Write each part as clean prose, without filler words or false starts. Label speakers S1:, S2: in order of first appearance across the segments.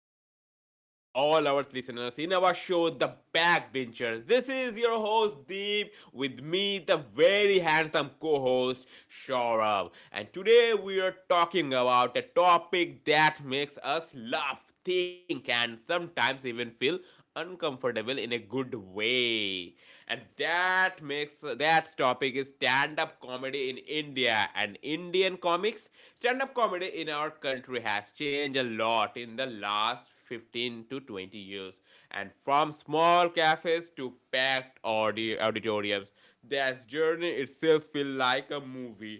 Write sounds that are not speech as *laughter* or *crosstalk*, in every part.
S1: welcome back to all our listeners in our show The Backbenchers. This is your host Deep with me, the very handsome co-host Shaurabh. And today we are talking about a topic that makes us laugh, think, and sometimes even feel uncomfortable in a good way, and that topic is stand up comedy in India and Indian comics. Stand up comedy in our country has changed a lot in the last 15 to 20 years, and from small cafes to packed audio auditoriums, that journey itself feels like a movie.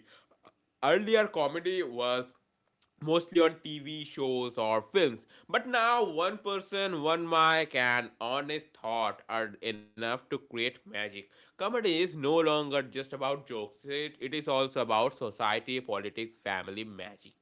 S1: Earlier comedy was mostly on TV shows or films. But now, one person, one mic, and honest thought are enough to create magic. Comedy is no longer just about jokes, it is also about society, politics, family, magic.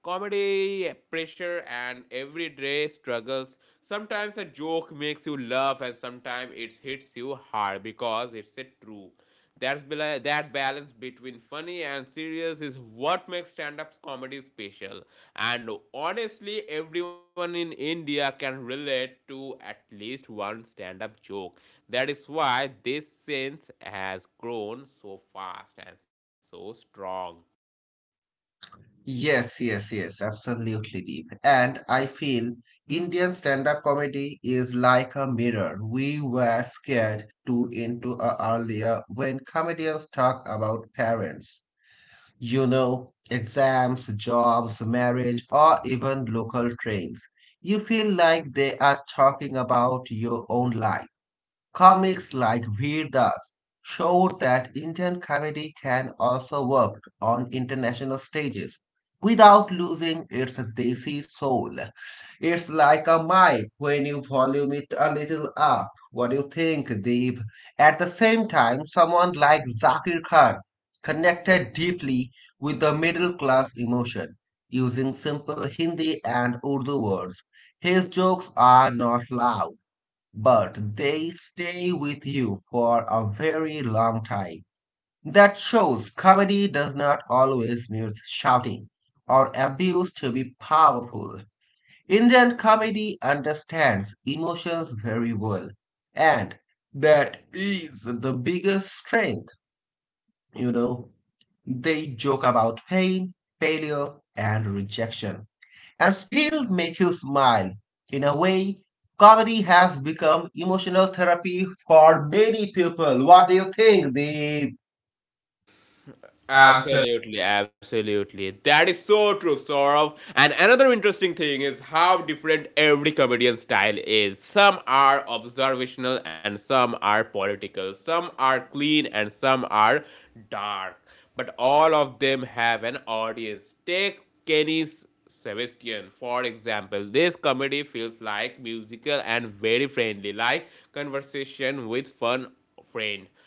S1: Comedy, pressure, and everyday struggles. Sometimes a joke makes you laugh, and sometimes it hits you hard because it's a true. That balance between funny and serious is what makes stand-up comedy special. And honestly, everyone in India can relate to at least one stand-up joke. That is why this sense has grown so fast and so strong.
S2: Yes, yes, yes, absolutely, Deep. And I feel Indian stand-up comedy is like a mirror. We were scared to into a earlier when comedians talk about parents, exams, jobs, marriage, or even local trains. You feel like they are talking about your own life. Comics like Veer Das showed that Indian comedy can also work on international stages without losing its desi soul. It's like a mic when you volume it a little up. What do you think, Deep? At the same time, someone like Zakir Khan connected deeply with the middle class emotion using simple Hindi and Urdu words. His jokes are not loud but they stay with you for a very long time. That shows comedy does not always need shouting or abuse to be powerful. Indian comedy understands emotions very well, and that is the biggest strength, you know. They joke about pain, failure, and rejection and still make you smile. In a way, comedy has become emotional therapy for many people. What do you think, Deep? Uh,
S1: Absolutely, absolutely. That is so true, Saurav. And another interesting thing is how different every comedian style is. Some are observational and some are political. Some are clean and some are dark. But all of them have an audience. Take Kenny's Sebastian, for example, this comedy feels like musical and very friendly, like conversation with fun friend.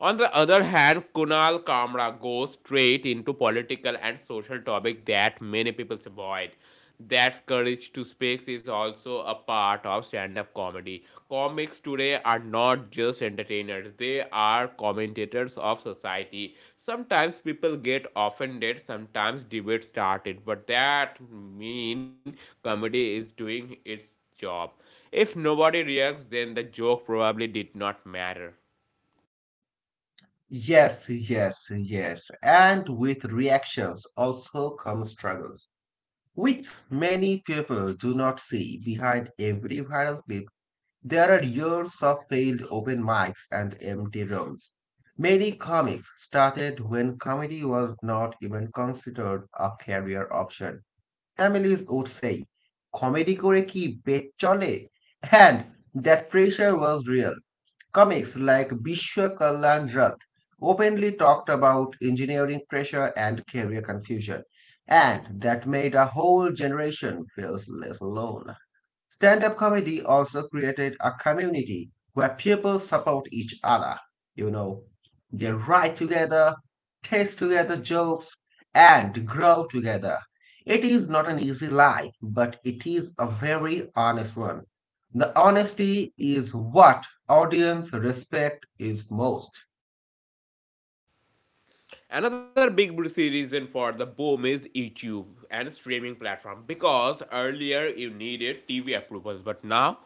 S1: On the other hand, Kunal Kamra goes straight into political and social topics that many people avoid. That courage to speak is also a part of stand-up comedy. Comics today are not just entertainers; they are commentators of society. Sometimes people get offended, sometimes debate started, but that mean comedy is doing its job. If nobody reacts, then the joke probably did not matter.
S2: Yes, yes, yes. And with reactions also come struggles, which many people do not see. Behind every viral clip, there are years of failed open mics and empty rooms. Many comics started when comedy was not even considered a career option. Families would say, comedy kore ki bet chole? And that pressure was real. Comics like Bishwa Kalyan Rath openly talked about engineering pressure and career confusion. And that made a whole generation feel less alone. Stand up comedy also created a community where people support each other. You know, they write together, taste together jokes, and grow together. It is not an easy life, but it is a very honest one. The honesty is what audience respect is most.
S1: Another big reason for the boom is YouTube and streaming platform, because earlier you needed TV approvals, but now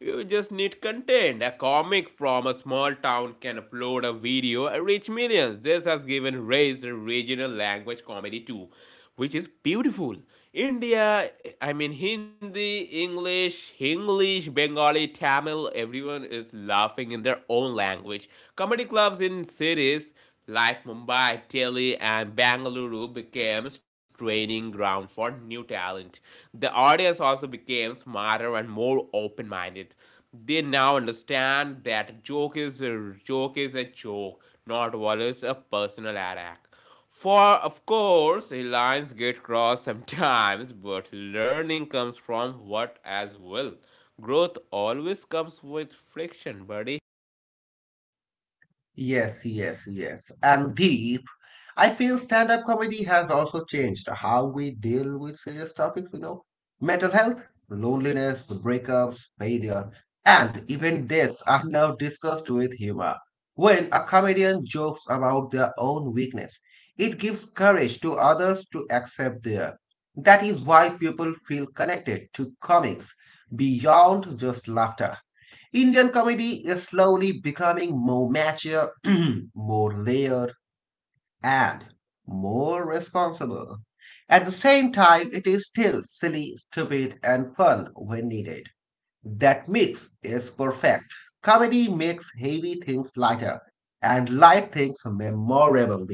S1: you just need content. A comic from a small town can upload a video and reach millions. This has given rise to regional language comedy too, which is beautiful. India, I mean Hindi, English, Hinglish, Bengali, Tamil, everyone is laughing in their own language. Comedy clubs in cities like Mumbai, Delhi, and Bangalore became training ground for new talent. The audience also became smarter and more open-minded. They now understand that a joke is a joke is a joke, not always a personal attack. For of course, lines get crossed sometimes, but learning comes from what as well. Growth always comes with friction, buddy.
S2: Yes, yes, yes. And deep. I feel stand-up comedy has also changed how we deal with serious topics, mental health, loneliness, breakups, failure, and even deaths are now discussed with humor. When a comedian jokes about their own weakness, it gives courage to others to accept their. That is why people feel connected to comics beyond just laughter. Indian comedy is slowly becoming more mature, *clears throat* more layered, and more responsible. At the same time, it is still silly, stupid, and fun when needed. That mix is perfect. Comedy makes heavy things lighter and light things memorable.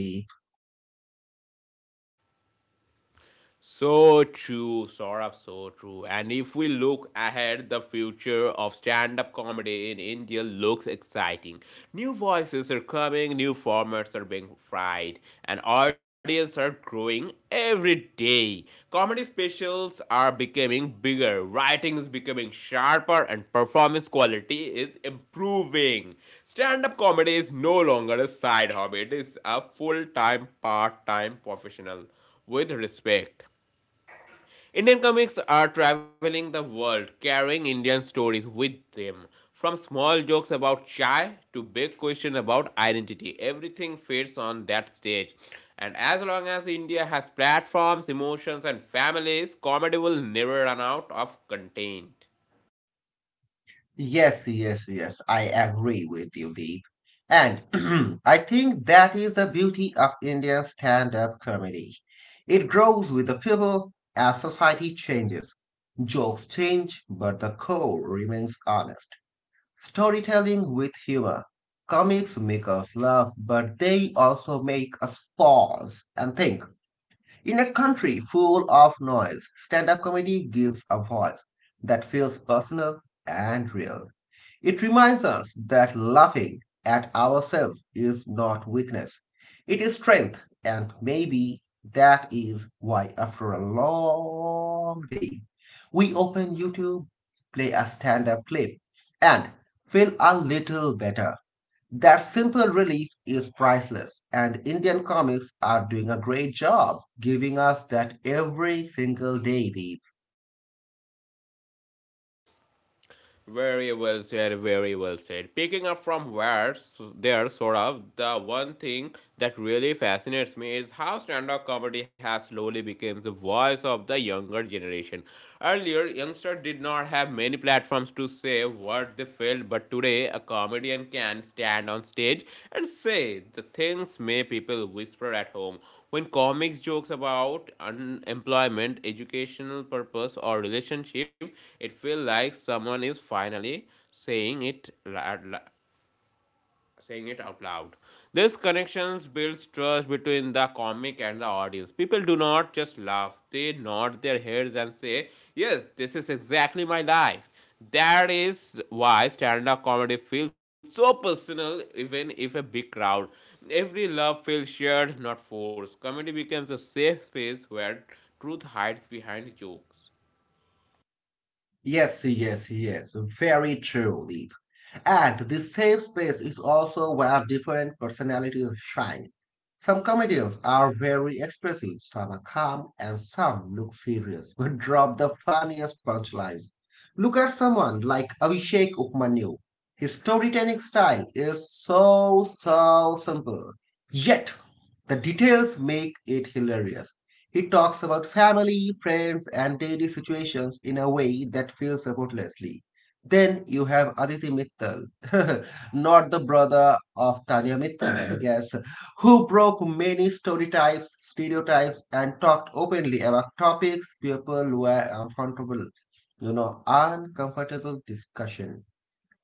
S1: So true, Saurabh, so true. And if we look ahead, the future of stand up comedy in India looks exciting. New voices are coming, new formats are being tried, and audience are growing every day. Comedy specials are becoming bigger, writing is becoming sharper, and performance quality is improving. Stand up comedy is no longer a side hobby, it is a full time, part time professional with respect. Indian comics are traveling the world carrying Indian stories with them. From small jokes about chai to big questions about identity, everything fits on that stage. And as long as India has platforms, emotions, and families, comedy will never run out of content.
S2: Yes, yes, yes, I agree with you, Deep. And *clears throat* I think that is the beauty of Indian stand-up comedy. It grows with the people as society changes. Jokes change, but the core remains honest. Storytelling with humor. Comics make us laugh, but they also make us pause and think. In a country full of noise, stand-up comedy gives a voice that feels personal and real. It reminds us that laughing at ourselves is not weakness, it is strength, and maybe that is why, after a long day, we open YouTube, play a stand up clip, and feel a little better. That simple relief is priceless, and Indian comics are doing a great job giving us that every single day, Deep.
S1: Very well said, very well said. Picking up from where there, sort of, the one thing that really fascinates me is how stand-up comedy has slowly become the voice of the younger generation. Earlier, youngsters did not have many platforms to say what they failed, but today a comedian can stand on stage and say the things may people whisper at home. When comics jokes about unemployment, educational purpose, or relationship, it feels like someone is finally saying it li- li- saying it out loud. This connections builds trust between the comic and the audience. People do not just laugh, they nod their heads and say, yes, this is exactly my life. That is why stand up comedy feels so personal, even if a big crowd. Every laugh feels shared, not forced. Comedy becomes a safe space where truth hides behind jokes.
S2: Yes, yes, yes, very true, Deep. And this safe space is also where different personalities shine. Some comedians are very expressive, some are calm, and some look serious but drop the funniest punchlines. Look at someone like Abhishek Upmanyu. His storytelling style is so simple. Yet, the details make it hilarious. He talks about family, friends, and daily situations in a way that feels effortlessly then you have Aditi Mittal, *laughs* not the brother of Tanya Mittal, I guess, who broke many stereotypes and talked openly about topics people were uncomfortable, uncomfortable discussion.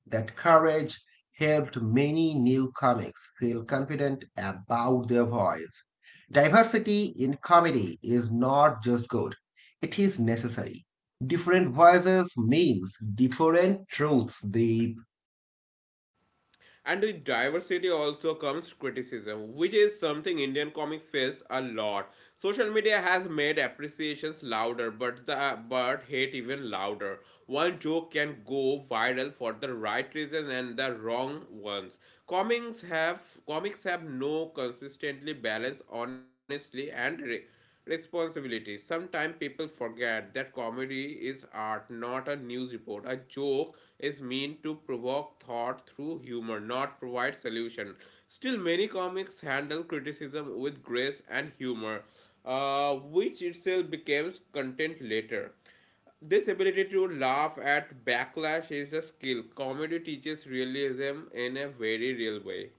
S2: That courage helped many new comics feel confident about their voice. Diversity in comedy is not just good, it is necessary. Different voices means different truths. The
S1: And with diversity also comes criticism, which is something Indian comics face a lot. Social media has made appreciations louder, but the but hate even louder. One joke can go viral for the right reason and the wrong ones. Comics have comics have no consistently balanced honestly and responsibility. Sometimes people forget that comedy is art, not a news report. A joke is meant to provoke thought through humor, not provide solution. Still, many comics handle criticism with grace and humor, uh, which itself becomes content later. This ability to laugh at backlash is a skill. Comedy teaches realism in a very real way.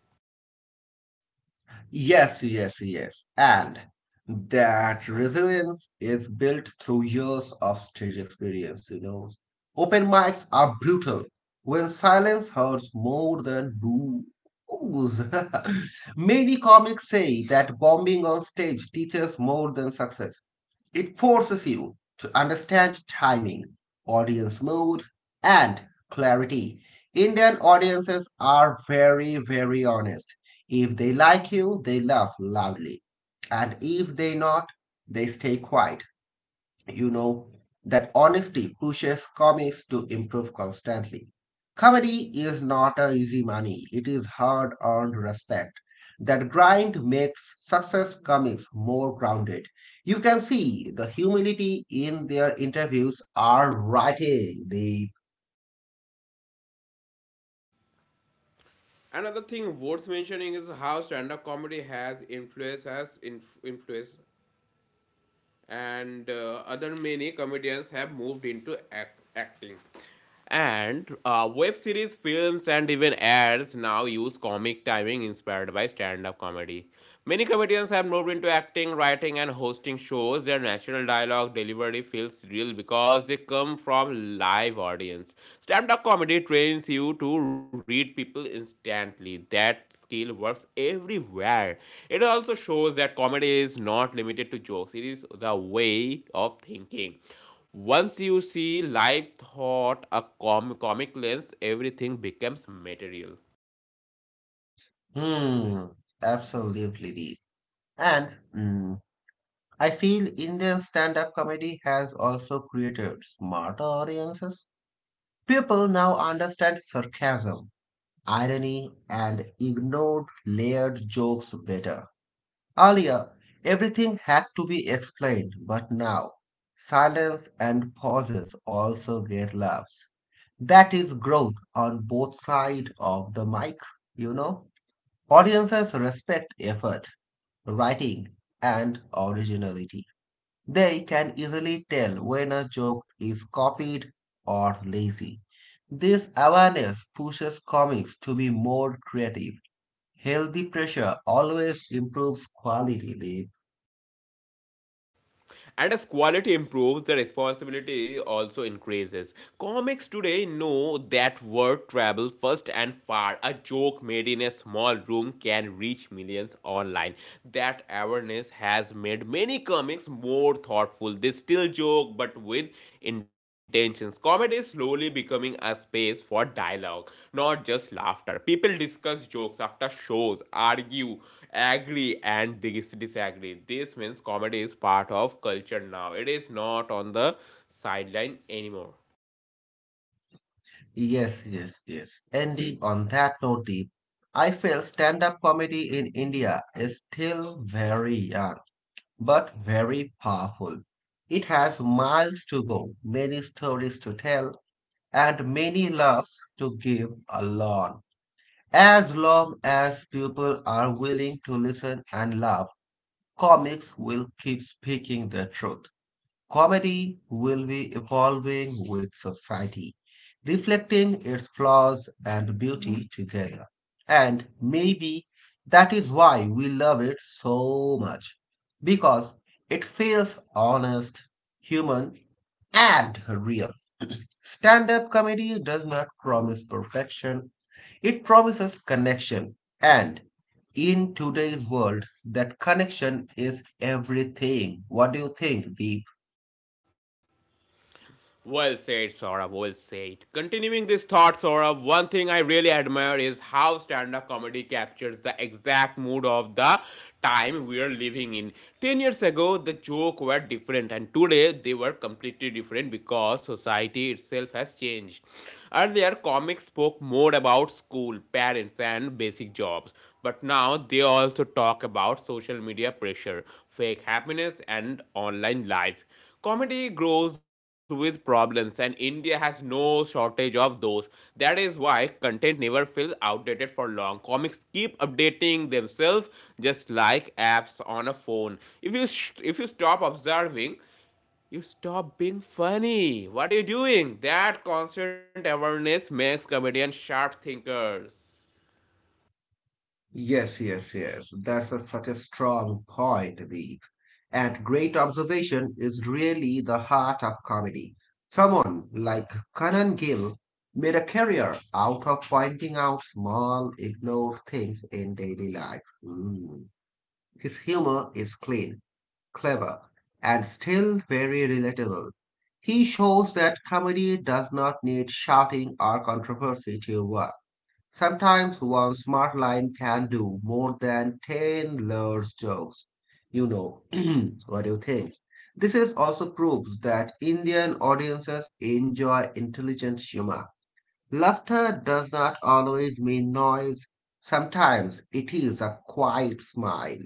S2: Yes, yes, yes. And that resilience is built through years of stage experience, Open mics are brutal when silence hurts more than booze. *laughs* Many comics say that bombing on stage teaches more than success. It forces you to understand timing, audience mood, and clarity. Indian audiences are very, very honest. If they like you, they laugh loudly. And if they not, they stay quiet you know, that honesty pushes comics to improve constantly. Comedy is not a easy money, it is hard earned respect. That grind makes success comics more grounded. You can see the humility in their interviews are writing the
S1: Another thing worth mentioning is how stand-up comedy has influenced has inf- influenced, and other many comedians have moved into acting. And web series, films, and even ads now use comic timing inspired by stand-up comedy. Many comedians have moved into acting, writing, and hosting shows. Their natural dialogue delivery feels real because they come from live audience. Stand-up comedy trains you to read people instantly. That skill works everywhere. It also shows that comedy is not limited to jokes, it is the way of thinking. Once you see life thought a comic lens, everything becomes material.
S2: hmm absolutely deep. And mm, I feel Indian stand-up comedy has also created smarter audiences. People now understand sarcasm irony, and ignored layered jokes better. Earlier, everything had to be explained, but now, silence and pauses also get laughs. That is growth on both sides of the mic, you know. Audiences respect effort, writing, and originality. They can easily tell when a joke is copied or lazy. This awareness pushes comics to be more creative Healthy pressure always improves quality, Deep.
S1: And as quality improves, the responsibility also increases. Comics today know that word travels first and far. A joke made in a small room can reach millions online. That awareness has made many comics more thoughtful. They still joke but with intentions. Comedy is slowly becoming a space for dialogue, not just laughter. People discuss jokes after shows, argue, agree, and disagree. This means comedy is part of culture now, it is not on the sideline anymore.
S2: Yes, yes, yes. Ending on that note, Deep, I feel stand up comedy in India is still very young, but very powerful. It has miles to go, many stories to tell, and many laughs to give along. As long as people are willing to listen and laugh, comics will keep speaking the truth. Comedy will be evolving with society, reflecting its flaws and beauty together. And maybe that is why we love it so much, because it feels honest, human, and real. Stand up comedy does not promise perfection, it promises connection. And in today's world, that connection is everything. What do you think? The
S1: Well said, Saurabh. Well said. Continuing this thought, Saurabh, one thing I really admire is how stand up comedy captures the exact mood of the time we are living in. 10 years ago, the jokes were different, and today they were completely different because society itself has changed. Earlier, comics spoke more about school, parents, and basic jobs, but now they also talk about social media pressure, fake happiness, and online life. Comedy grows with problems, and India has no shortage of those. That is why content never feels outdated for long. Comics keep updating themselves just like apps on a phone. If you stop observing, you stop being funny. What are you doing? That constant awareness makes comedians sharp thinkers.
S2: Yes, yes, yes. That's a, such a strong point, Deep. And great observation is really the heart of comedy. Someone like Kanan Gill made a career out of pointing out small, ignored things in daily life. Mm. His humor is clean, clever, and still very relatable. He shows that comedy does not need shouting or controversy to work. Sometimes one smart line can do more than 10 layers jokes. You know, *clears throat* what do you think? This is also proves that Indian audiences enjoy intelligent humor. Laughter does not always mean noise. Sometimes it is a quiet smile.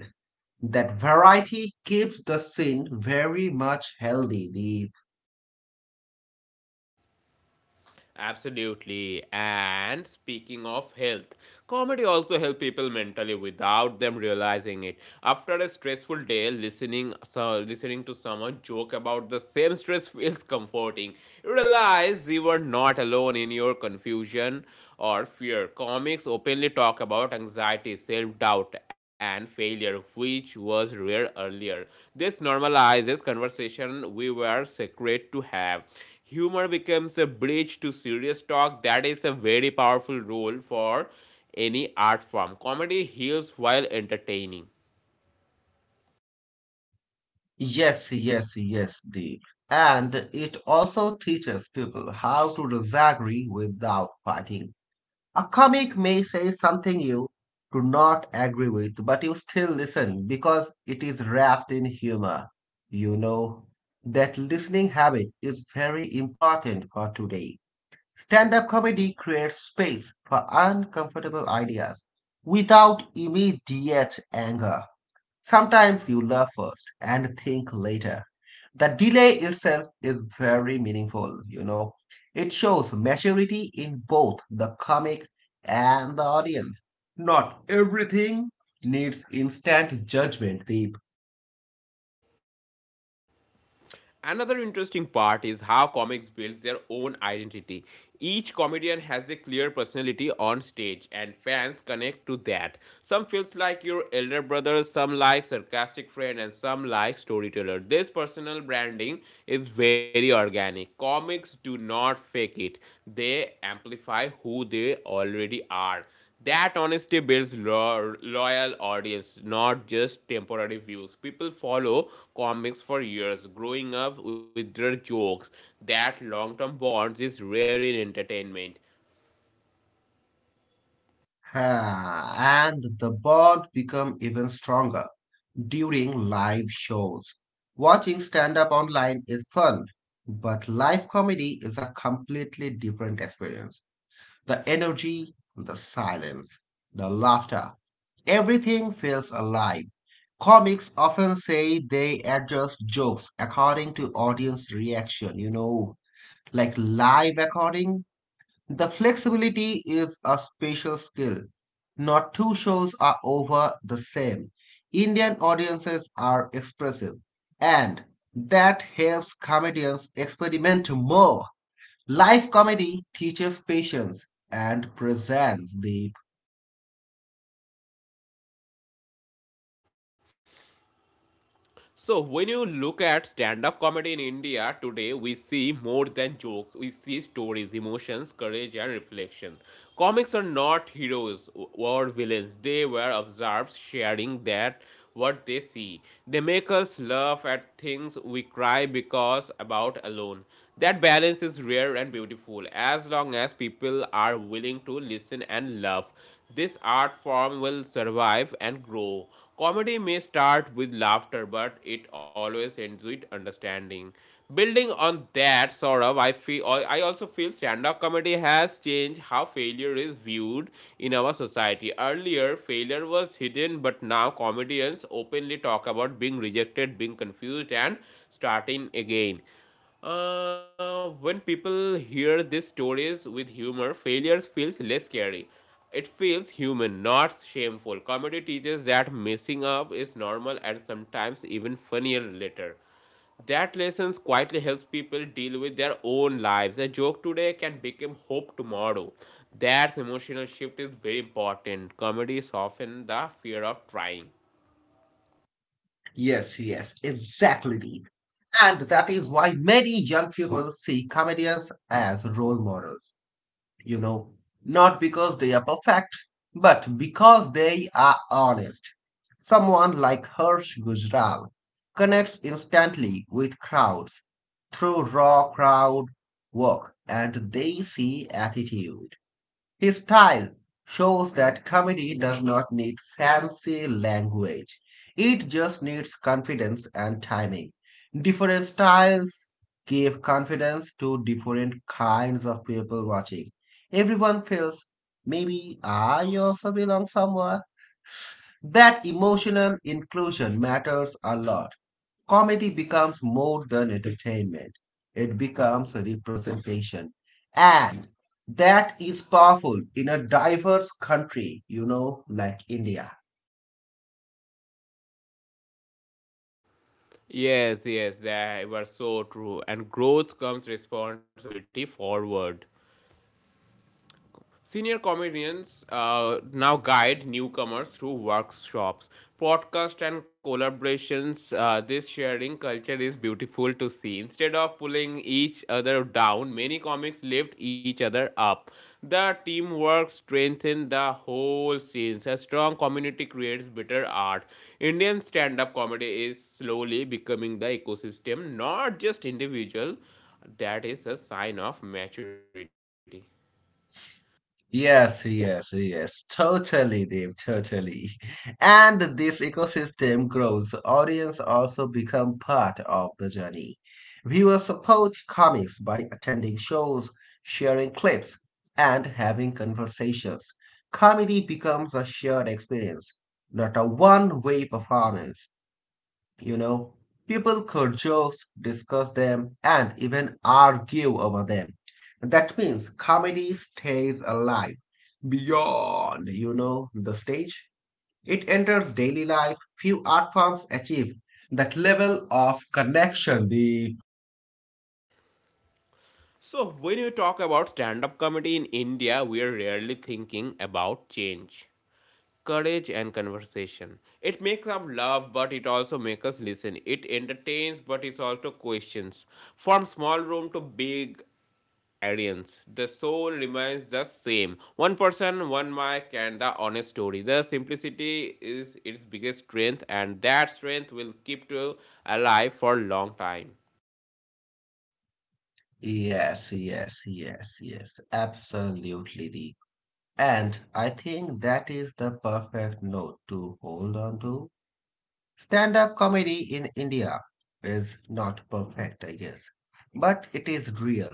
S2: That variety keeps the scene very much healthy. The
S1: Absolutely. And speaking of health, comedy also helps people mentally without them realizing it. After a stressful day, listening to someone joke about the same stress feels comforting. You realize you are not alone in your confusion or fear. Comics openly talk about anxiety, self-doubt, and failure, which was rare earlier. This normalizes conversation we were secret to have humor becomes a bridge to serious talk. That is a very powerful role for any art form. Comedy heals while entertaining.
S2: Yes, yes, yes, Deep. And it also teaches people how to disagree without fighting. A comic may say something you do not agree with, but you still listen because it is wrapped in humor. You know, that listening habit is very important for today. Stand up comedy creates space for uncomfortable ideas without immediate anger. Sometimes you love first and think later. The delay itself is very meaningful, It shows maturity in both the comic and the audience. Not everything needs instant judgment, Deep.
S1: Another interesting part is how comics build their own identity. Each comedian has a clear personality on stage, and fans connect to that. Some feels like your elder brother, some like sarcastic friend, and some like storyteller. This personal branding is very organic. Comics do not fake it; they amplify who they already are. That honesty builds loyal audience, not just temporary views. People follow comics for years, growing up with their jokes. That long-term bonds is rare in entertainment.
S2: Ha, and the bond become even stronger during live shows. Watching stand up online is fun, but live comedy is a completely different experience. The energy, the silence, the laughter, everything feels alive. Comics often say they adjust jokes according to audience reaction, like live recording. The flexibility is a special skill. Not two shows are over the same. Indian audiences are expressive, and that helps comedians experiment more. Live comedy teaches patience and presents the
S1: So, when you look at stand up comedy in India today, we see more than jokes. We see stories, emotions, courage, and reflection. Comics are not heroes or villains, they were observers sharing that what they see. They make us laugh at things we cry because about alone. That balance is rare and beautiful as long as people are willing to listen passion and love, this art form will survive and grow. Comedy may start with laughter, but it always ends with understanding. Building on that, Saurav, I also feel stand-up comedy has changed how failure is viewed in our society. Earlier, failure was hidden, but now comedians openly talk about being rejected, being confused, and starting again. When people hear these stories with humor, failures feels less scary. It feels human, not shameful. Comedy teaches that messing up is normal and sometimes even funnier later. That lessons quietly helps people deal with their own lives. A joke today can become hope tomorrow. That emotional shift is very important. Comedy softens the fear of trying.
S2: Yes, yes, exactly, Deep. And that is why many young people see comedians as role models, you know, not because they are perfect, but because they are honest. Someone like Harsh Gujral connects instantly with crowds through raw crowd work and they see attitude His style shows that comedy does not need fancy language. It just needs confidence and timing. Different styles give confidence to different kinds of people watching. Everyone feels maybe I also belong somewhere. That emotional inclusion matters a lot. Comedy becomes more than entertainment, it becomes a representation. And that is powerful in a diverse country, like India.
S1: Yes, yes, they were so true. And growth comes responsibility forward. Senior comedians now guide newcomers through workshops, podcasts, and collaborations. This sharing culture is beautiful to see. Instead of pulling each other down, many comics lift each other up. The teamwork strengthens the whole scene. A strong community creates better art. Indian stand up comedy is slowly becoming the ecosystem, not just individual. That is a sign of maturity.
S2: Yes, yes, yes. Totally, Dave, totally. *laughs* And this ecosystem grows. Audience also become part of the journey. Viewers support comics by attending shows, sharing clips, and having conversations. Comedy becomes a shared experience, not a one-way performance. You know, people could jokes, discuss them, and even argue over them. That means comedy stays alive beyond, the stage. It enters daily life. Few art forms achieve that level of connection. The
S1: So, when you talk about stand up comedy in India, we are rarely thinking about change, courage, and conversation. It makes us laugh, but it also makes us listen. It entertains, but it also questions. From small room to big audience, the soul remains the same. One person, one mic, and the honest story. The simplicity is its biggest strength, and that strength will keep you alive for a long time.
S2: yes, yes, yes, yes, absolutely. The and I think that is the perfect note to hold on to Stand up comedy in India is not perfect, I guess, but it is real.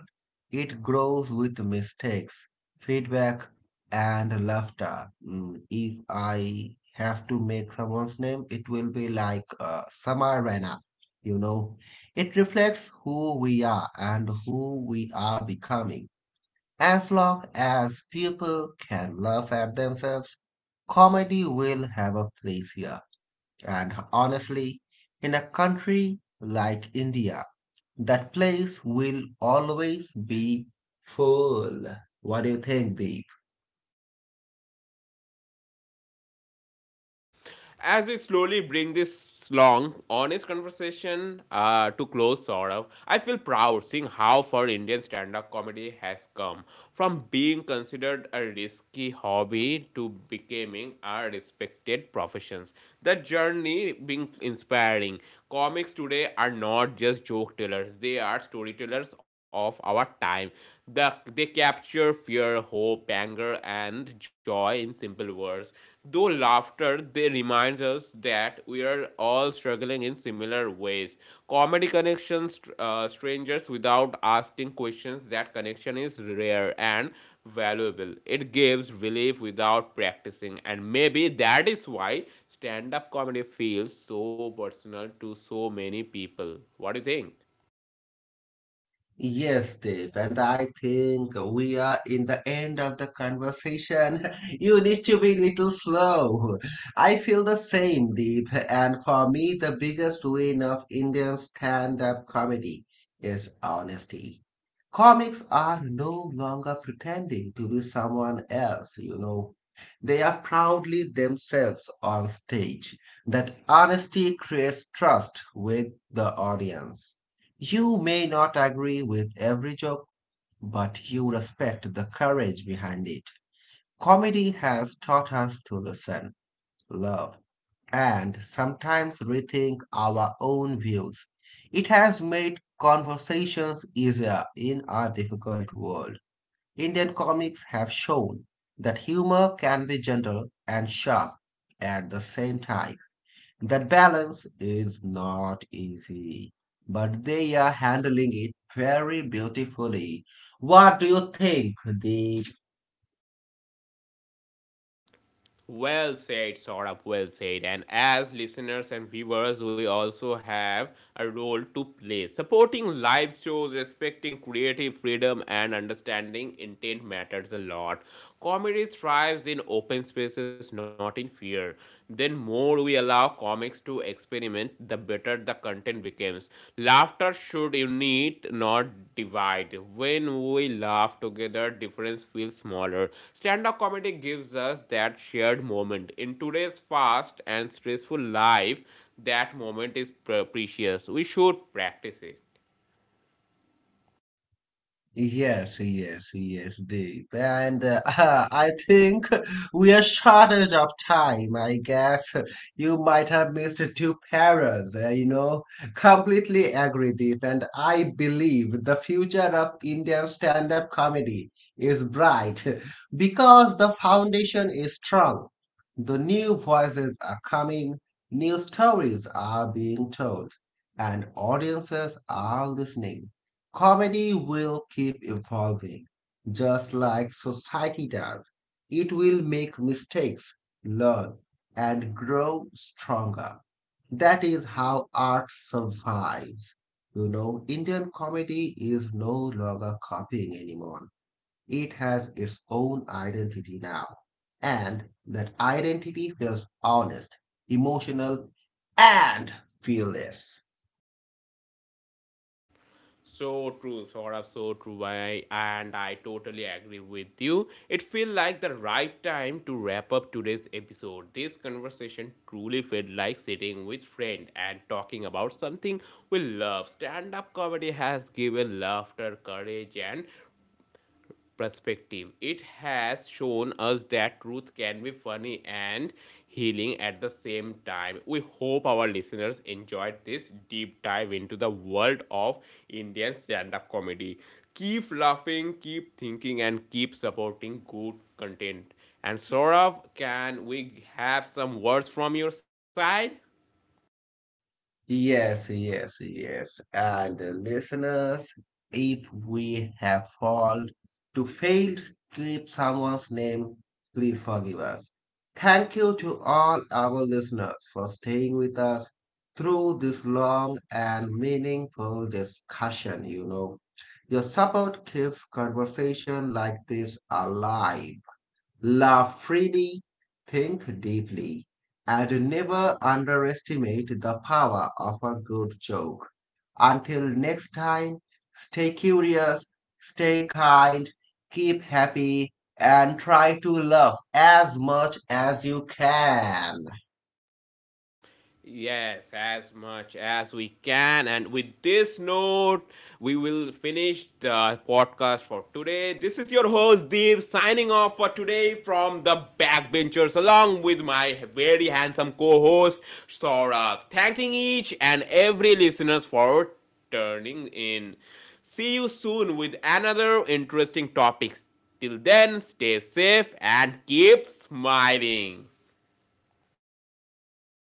S2: It grows with mistakes, feedback, and laughter. Mm, if I have to make someone's name, it will be like Samar Rana, you know. It reflects who we are and who we are becoming. As long as people can laugh at themselves, comedy will have a place here. And honestly, in a country like India, that place will always be full. What do you think, B?
S1: As we slowly bring this long, honest conversation to close, sort of, I feel proud seeing how far Indian stand up comedy has come from being considered a risky hobby to becoming a respected profession. The journey being inspiring. Comics today are not just joke tellers, they are storytellers of our time. They capture fear, hope, anger, and joy in simple words. Though laughter, they remind us that we are all struggling in similar ways. Comedy connections strangers without asking questions. That connection is rare and valuable. It gives relief without practicing, and maybe that is why stand-up comedy feels so personal to so many people. What do you think?
S2: Yes, Deep, and I think we are in the end of the conversation. *laughs* You need to be a little slow. I feel the same, Deep, and for me, the biggest win of Indian stand-up comedy is honesty. Comics are no longer pretending to be someone else, They are proudly themselves on stage. That honesty creates trust with the audience. You may not agree with every joke, but you respect the courage behind it. Comedy has taught us to listen, love, and sometimes rethink our own views. It has made conversations easier in our difficult world. Indian comics have shown that humor can be gentle and sharp at the same time. That balance is not easy, but they are handling it very beautifully. What do you think, Deep?
S1: Well said, Saurabh, well said. And as listeners and viewers, we also have a role to play. Supporting live shows, respecting creative freedom, and understanding intent matters a lot. Comedy thrives in open spaces, not in fear. Then more we allow comics to express experiment, the better the content becomes. Laughter should unite, not divide. When we laugh together, difference feels smaller. Stand up comedy gives us that shared moment. In today's fast and stressful life, that moment is precious. We should practice it.
S2: Yes, yes, yes, Deep. And *laughs* I think we are shortage of time. I guess you might have missed two paras, Completely agree, Deep. And I believe the future of Indian stand-up comedy is bright *laughs* because the foundation is strong. The new voices are coming, new stories are being told, and audiences are listening. Comedy will keep evolving, just like society does. It will make mistakes, learn, and grow stronger. That is how art survives. You know, Indian comedy is no longer copying anyone. It has its own identity now. And that identity feels honest, emotional, and fearless.
S1: So true, Saurabh, so true. I, and I totally agree with you. It feels like the right time to wrap up today's episode. This conversation truly felt like sitting with friend and talking about something we love. Stand-up comedy has given laughter, courage, and perspective. It has shown us that truth can be funny and healing at the same time. We hope our listeners enjoyed this deep dive into the world of Indian stand up comedy. Keep laughing, keep thinking, and keep supporting good content. And Saurav, can we have some words from your side?
S2: Yes, yes, yes. And listeners, if we have fail to keep someone's name, please forgive us. Thank you to all our listeners for staying with us through this long and meaningful discussion, Your support keeps conversation like this alive. Laugh freely, think deeply, and never underestimate the power of a good joke. Until next time, stay curious, stay kind, keep happy, and try to love as much as you can.
S1: Yes, as much as we can. And with this note, we will finish the podcast for today. This is your host, Deep, signing off for today from the backbenchers, along with my very handsome co host, Saurabh. Thanking each and every listeners for turning in. See you soon with another interesting topic. Till then, stay safe and keep smiling.